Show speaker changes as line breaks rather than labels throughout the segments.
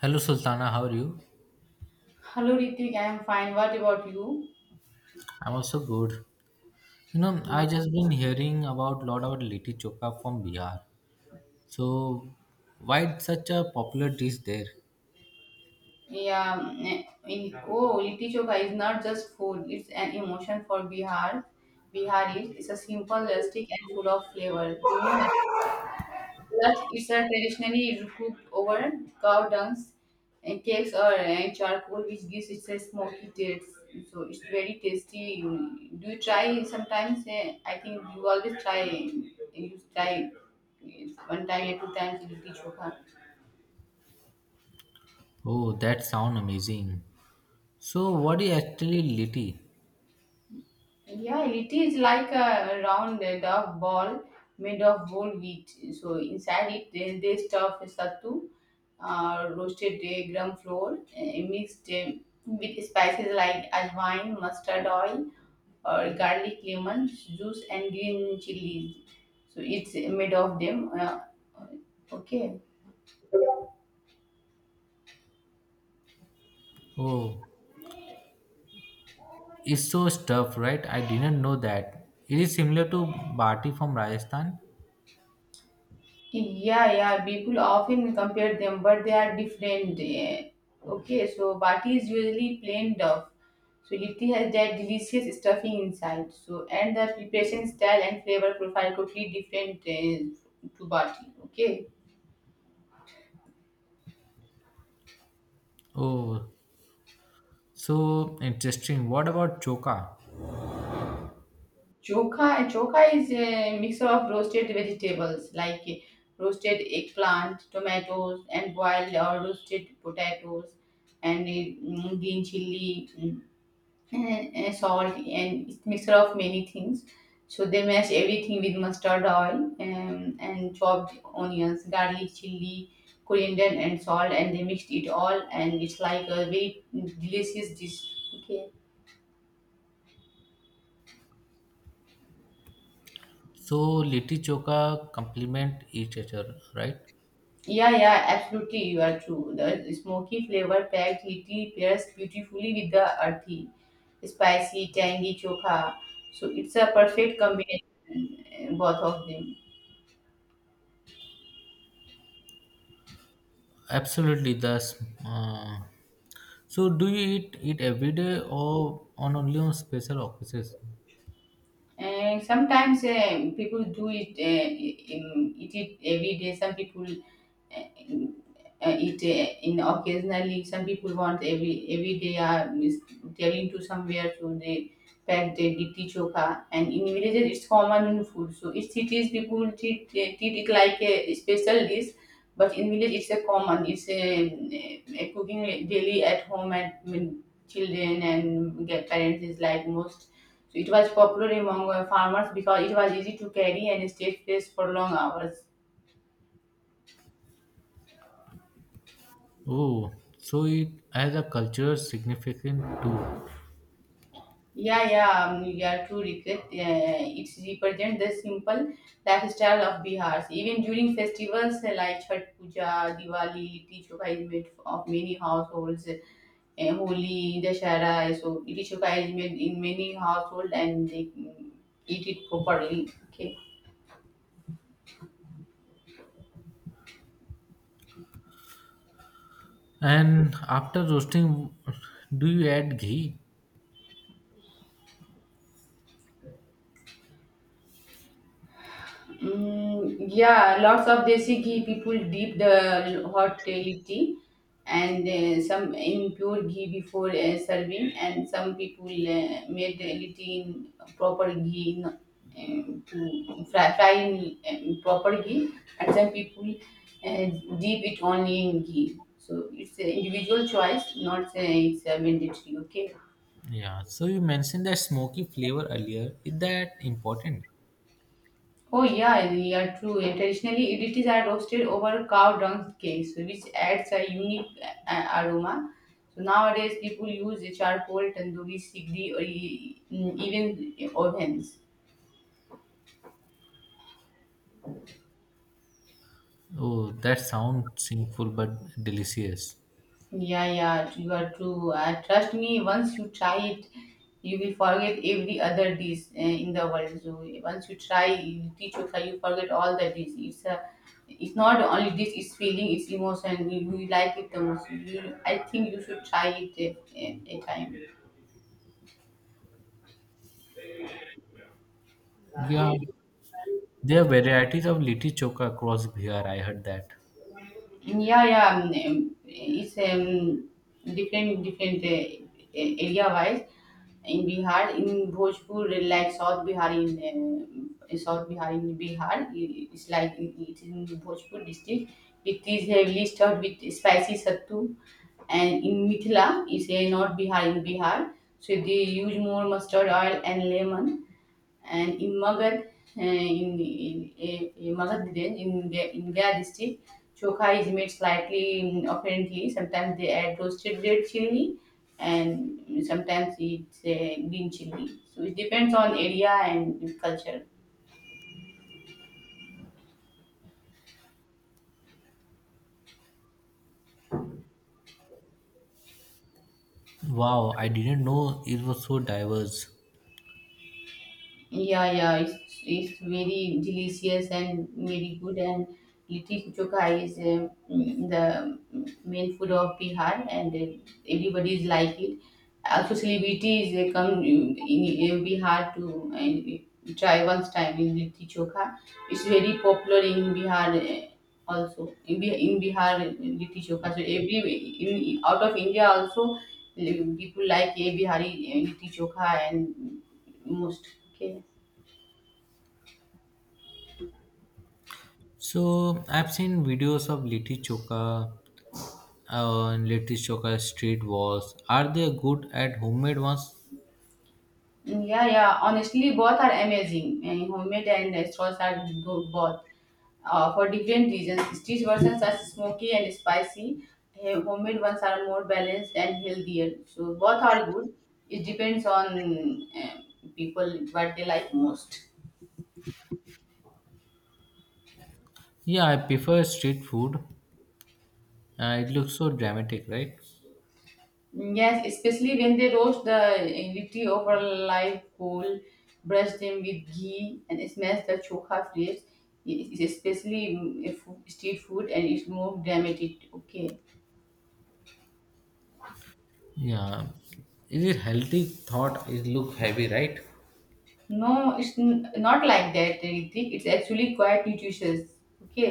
Hello Sultana, how are you?
Hello Ritik, I am fine. What about you?
I'm also good. You know, I
Nice.
just been hearing about lot about litti chokha from Bihar. So, why it's such a popular dish there?
Yeah, Litti Chokha is not just food; it's an emotion for Bihar. Biharis. It's a simple, rustic, and full of flavor. Do you know? Plus, it's a traditionally cooked over cow dungs and cakes or charcoal, which gives it a smoky taste. So it's very tasty. Do you try sometimes? I think you always try. You try one time or two times Litti Chokha.
Oh, that sound amazing. So, what is actually litti?
Yeah, it is like a round dough ball made of whole wheat. So inside it, they stuff sattu, roasted gram flour, mixed with spices like ajwain, mustard oil, or garlic, lemon juice, and green chilies. So it's made of them. Okay.
Oh, it's so stuffed, right? I didn't know that. It is similar to bati from Rajasthan.
Yeah, yeah. People often compare them, but they are different. Eh. Okay, so bati is usually plain duff. So litti has that delicious stuffing inside. So and the preparation style and flavor profile totally different to bati. Okay,
Oh, so interesting. What about chokha?
chokha. Chokha is a mixture of roasted vegetables like roasted eggplant, tomatoes, and boiled or roasted potatoes, and green chili, and salt and it's mixture of many things. So they mash everything with mustard oil and chopped onions, garlic, chili, coriander and salt and they mixed it all and it's like a very delicious dish. Okay.
So, litti chokha complement each other, right?
Yeah, yeah, absolutely you are true. The smoky flavor packed little pairs beautifully with the earthy, spicy, tangy chokha. So it's a perfect combination, both of them.
Absolutely, that's. Uh, so, do you eat it every day or on only on special occasions?
And sometimes people do it, eat it every day. Some people it in occasionally some people want every day are telling to somewhere, so they pack their litti chokha, and in villages it's common food, so in cities people treat it like a special dish, but in village it's a common it's a cooking daily at home, and when children and get parents is like most, so it was popular among farmers because it was easy to carry and stay fresh for long hours.
Oh, so it has a cultural significance too.
Yeah, yeah, you are too regret. It represents the simple lifestyle of Bihar. Even during festivals like Chhat Puja, Diwali, Litti Chokha is made of many households. Holi, Dashara, so Litti Chokha is made in many households and they eat it properly. Okay.
And after roasting, do you add ghee?
Mm, yeah, lots of desi ghee people dip the hot tea and some in pure ghee before serving, and some people made the tea in proper ghee in, to fry in proper ghee, and some people uh, dip it only in ghee. So it's an individual choice, not it's a mandatory. Okay.
Yeah. So you mentioned that smoky flavor earlier. Is that important?
Oh yeah, yeah, true. And traditionally, it is are roasted over cow dung cakes, which adds a unique aroma. So nowadays, people use charcoal, tandoori, sigri, or even ovens.
Oh, that sounds sinful but delicious.
Yeah, yeah, you are true. Trust me, once you try it, you will forget every other dish in the world. So once you try, you teach you forget all the dish. It's not only dish. It's feeling, it's emotion. You like it the most. I think you should try it a time.
Yeah, there are varieties of litti choka across Bihar. I heard that.
Yeah, yeah. It's different area wise. In Bihar, in Bhojpur, like South Bihar, in Bihar, it's like it's in Bhojpur district. It is heavily stuffed with spicy sattu, and in Mithila, it's a North Bihar, in Bihar. So they use more mustard oil and lemon, and Immagat in Immagat Village in the in their district, chokha is made slightly apparently. Sometimes they add roasted red chili, and sometimes it's green chili. So it depends on area and culture.
Wow, I didn't know it was so diverse.
Yeah, yeah, it's very delicious and very good. And litti chokha is the main food of Bihar, and everybody is like it. Also, celebrities they come in Bihar to try once time in litti chokha. It's very popular in Bihar. Also in Bihar, litti chokha. So every out of India also, people like a Bihari litti chokha and most. Okay.
So I've seen videos of Litti Choka and Litti Choka street walls. Are they good at homemade ones?
Yeah, yeah. Honestly, both are amazing. And homemade and restaurants are good both for different reasons. Street versions are smoky and spicy. Homemade ones are more balanced and healthier. So both are good. It depends on people what they like most.
Yeah, I prefer street food. It looks so dramatic, right?
Yes, especially when they roast the little over live coal, brush them with ghee, and smash the chokha flakes. It's especially if street food and it's more dramatic. Okay.
Yeah. Is it healthy? Thought it look heavy, right?
No, it's not like that, Ritik. It's actually quite nutritious. Okay,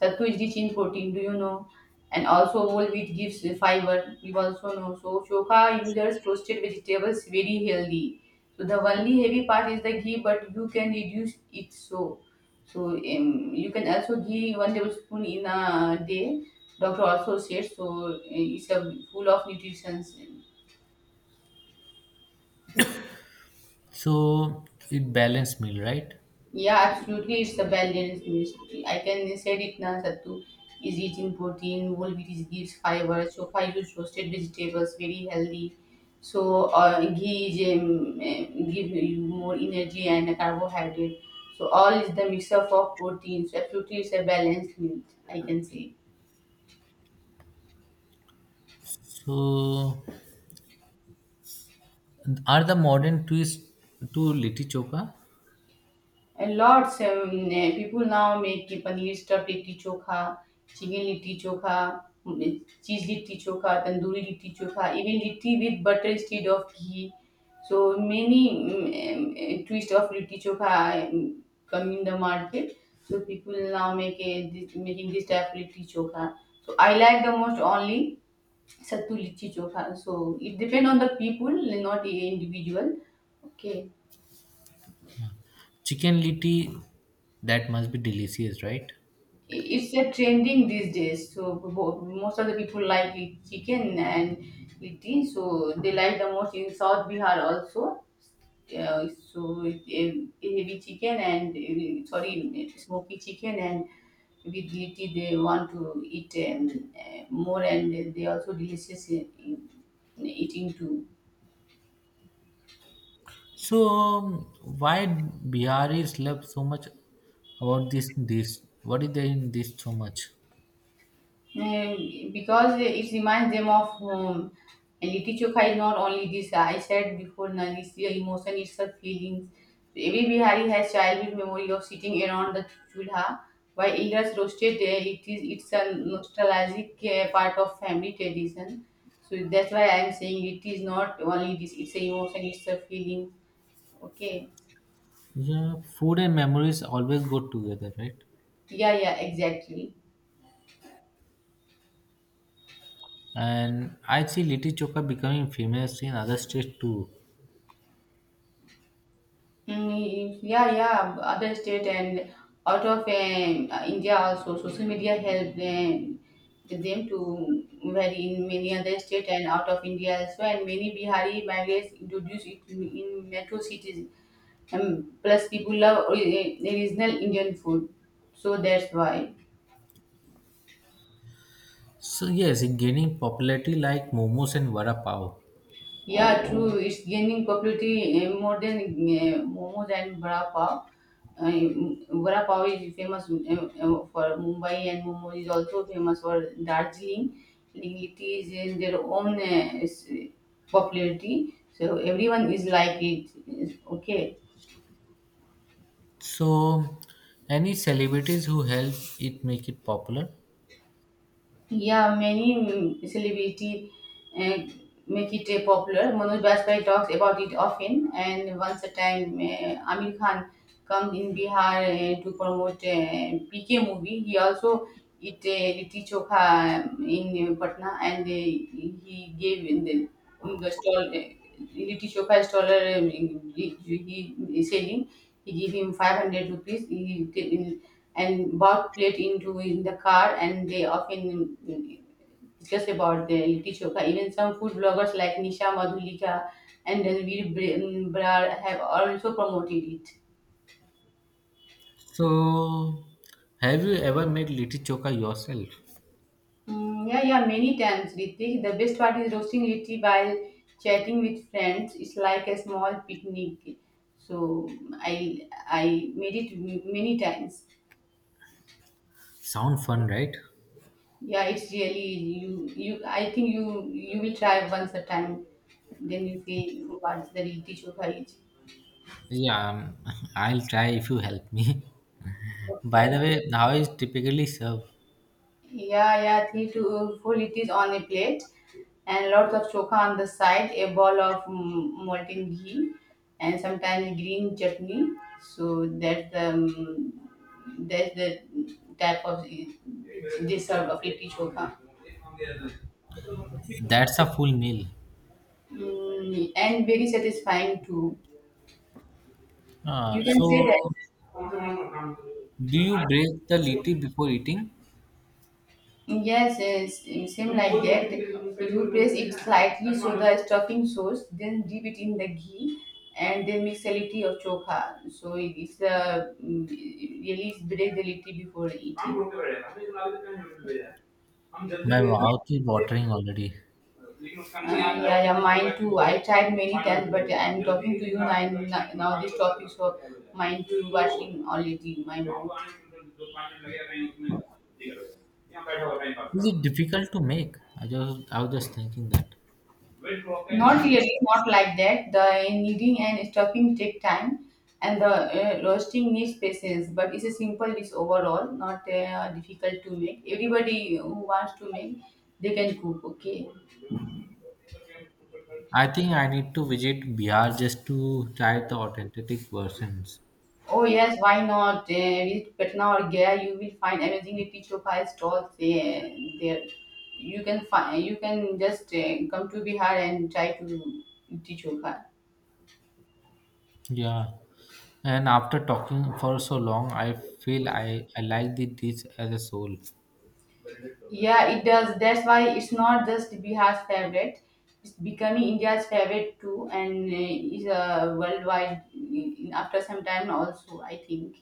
sattu is rich in protein. Do you know? And also whole wheat gives fiber. You also know. So chokha uses roasted vegetables very healthy. So the only heavy part is the ghee, but you can reduce it so. So you can also ghee 1 tablespoon in a day. Doctor also said so. It's a full of nutrition.
So it balanced meal, right?
Yeah, absolutely. It's a balanced meal. I can say it now. Sattu is rich in protein, whole wheat is gives fiber. So I use roasted vegetables, very healthy. So ghee is, give you more energy and carbohydrate. So all is the mix up of protein. So absolutely, it's a balanced meal. I can say.
So are the modern twist to Litti Choka?
And lots people now make paneer stuffed litti chokha, chicken litti chokha, cheese litti chokha, tandoori litti chokha, even litti with butter instead of ghee. So many twist of litti chokha come in the market. So people now make a, this, making this type of litti chokha. So I like the most only sattu litti chokha. So it depend on the people, not individual. Okay.
Chicken Litti, that must be delicious, right?
It's a trending these days. So most of the people like chicken and litti. So they like the most in South Bihar also. So heavy chicken and sorry smoky chicken and with litti they want to eat more, and they also delicious in, eating too.
So, why Biharis love so much about this? This what is there in this so much?
Because it reminds them of home. And Litti is not only this, I said before, na, it's your emotion, it's her feelings. So every Bihari has childhood memory of sitting around the chulha while elders roasted there. It's a nostalgic part of family tradition. So that's why I'm saying it is not only this, it's a emotion, it's a feeling. Okay.
Yeah, food and memories always go together, right?
Yeah, yeah, exactly.
And I see Litti Chokha becoming famous in other states too.
Mm, yeah, yeah, other state and out of India also, social media helped them to vary in many other state and out of India as well. And many Bihari migrants introduced it in metro cities. Plus, people love original Indian food, so that's why.
So yes, in gaining popularity like momos and vada pav.
Yeah, true. It's gaining popularity more than momos and vada pav. Vada pav is famous for Mumbai, and momos is also famous for Darjeeling. It is in their own popularity, so everyone is like it. It's okay.
So, any celebrities who help it make it popular?
Yeah, many celebrity uh, make it popular. Manoj Bajpayee talks about it often. And once a time, Amir Khan come in Bihar to promote PK movie. He also eat litti chokha in Patna, and he gave in the stall. Litti Chokha staller he selling. He give him 500 rupees. He and bought plate into in the car, and they often discuss about the litti chokha. Even some food bloggers like Nisha Madhulika and Ranveer Brar have also promoted it.
So, have you ever made Litti Chokha yourself?
Mm, yeah, yeah, many times, Ritik. The best part is roasting litti while chatting with friends. It's like a small picnic. So I made it many times.
Sound fun, right?
Yeah, it's really you. I think you will try once a time, then you feel what's the reality show courage.
Yeah, I'll try if you help me. By the
Okay.
way, how is typically served?
Yeah, yeah, 3 to 4 liters on a plate, and lots of choka on the side, a ball of molten ghee, and sometimes green chutney. So that's the type of dessert of litti choka,
That's a full meal.
and very satisfying too.
Ah,
You can say
so,
that.
do you break the liti before eating?
Yes, yes, it seems like that. You press it slightly so the stuffing soaks, then dip it in the ghee, and then mix a little of chokha. So it's a really break the little before eating.
My mouth is watering already.
Yeah, yeah, mine too. I tried many times, but I'm talking to you now. Now this topic, so mine too washing already my mouth.
Is it difficult to make? I was just thinking that.
Not really, not like that. The kneading and stuffing take time, and the roasting needs patience. But it's a simple dish overall, not difficult to make. Everybody who wants to make, they can cook. Okay.
I think I need to visit Bihar just to try the authentic versions.
Oh yes, why not? Visit Patna or Gaya, you will find amazingly teacher pie stalls there. You can find, you can just come to Bihar and try to eat chokha.
Yeah. And after talking for so long, I feel I like the dish as a soul.
Yeah, it does. That's why it's not just Bihar's favorite. It's becoming India's favorite too, and is a worldwide after some time also. I think.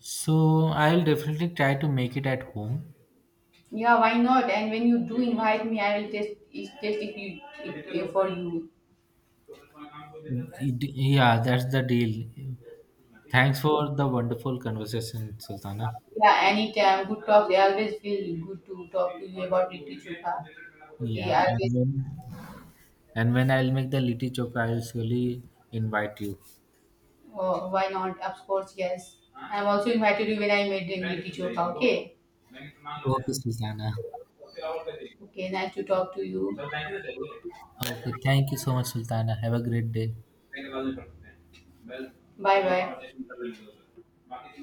So I'll definitely try to make it at home.
Yeah, why not? And when you do invite me, I will taste taste if you if for you.
It- Yeah, that's the deal. Thanks for the wonderful conversation, Sultana.
Yeah, anytime. Good talk. I always feel good to talk to you about literature. Huh? Okay,
Yeah,
I
and
will,
when and when I'll make the litti choka, I'll surely invite you.
why not? Of course, yes. I'm also invited you when I made in literature. Huh? Okay.
Okay, Sultana.
Okay, nice to talk to you.
Okay, thank you so much, Sultana. Have a great day.
Bye bye.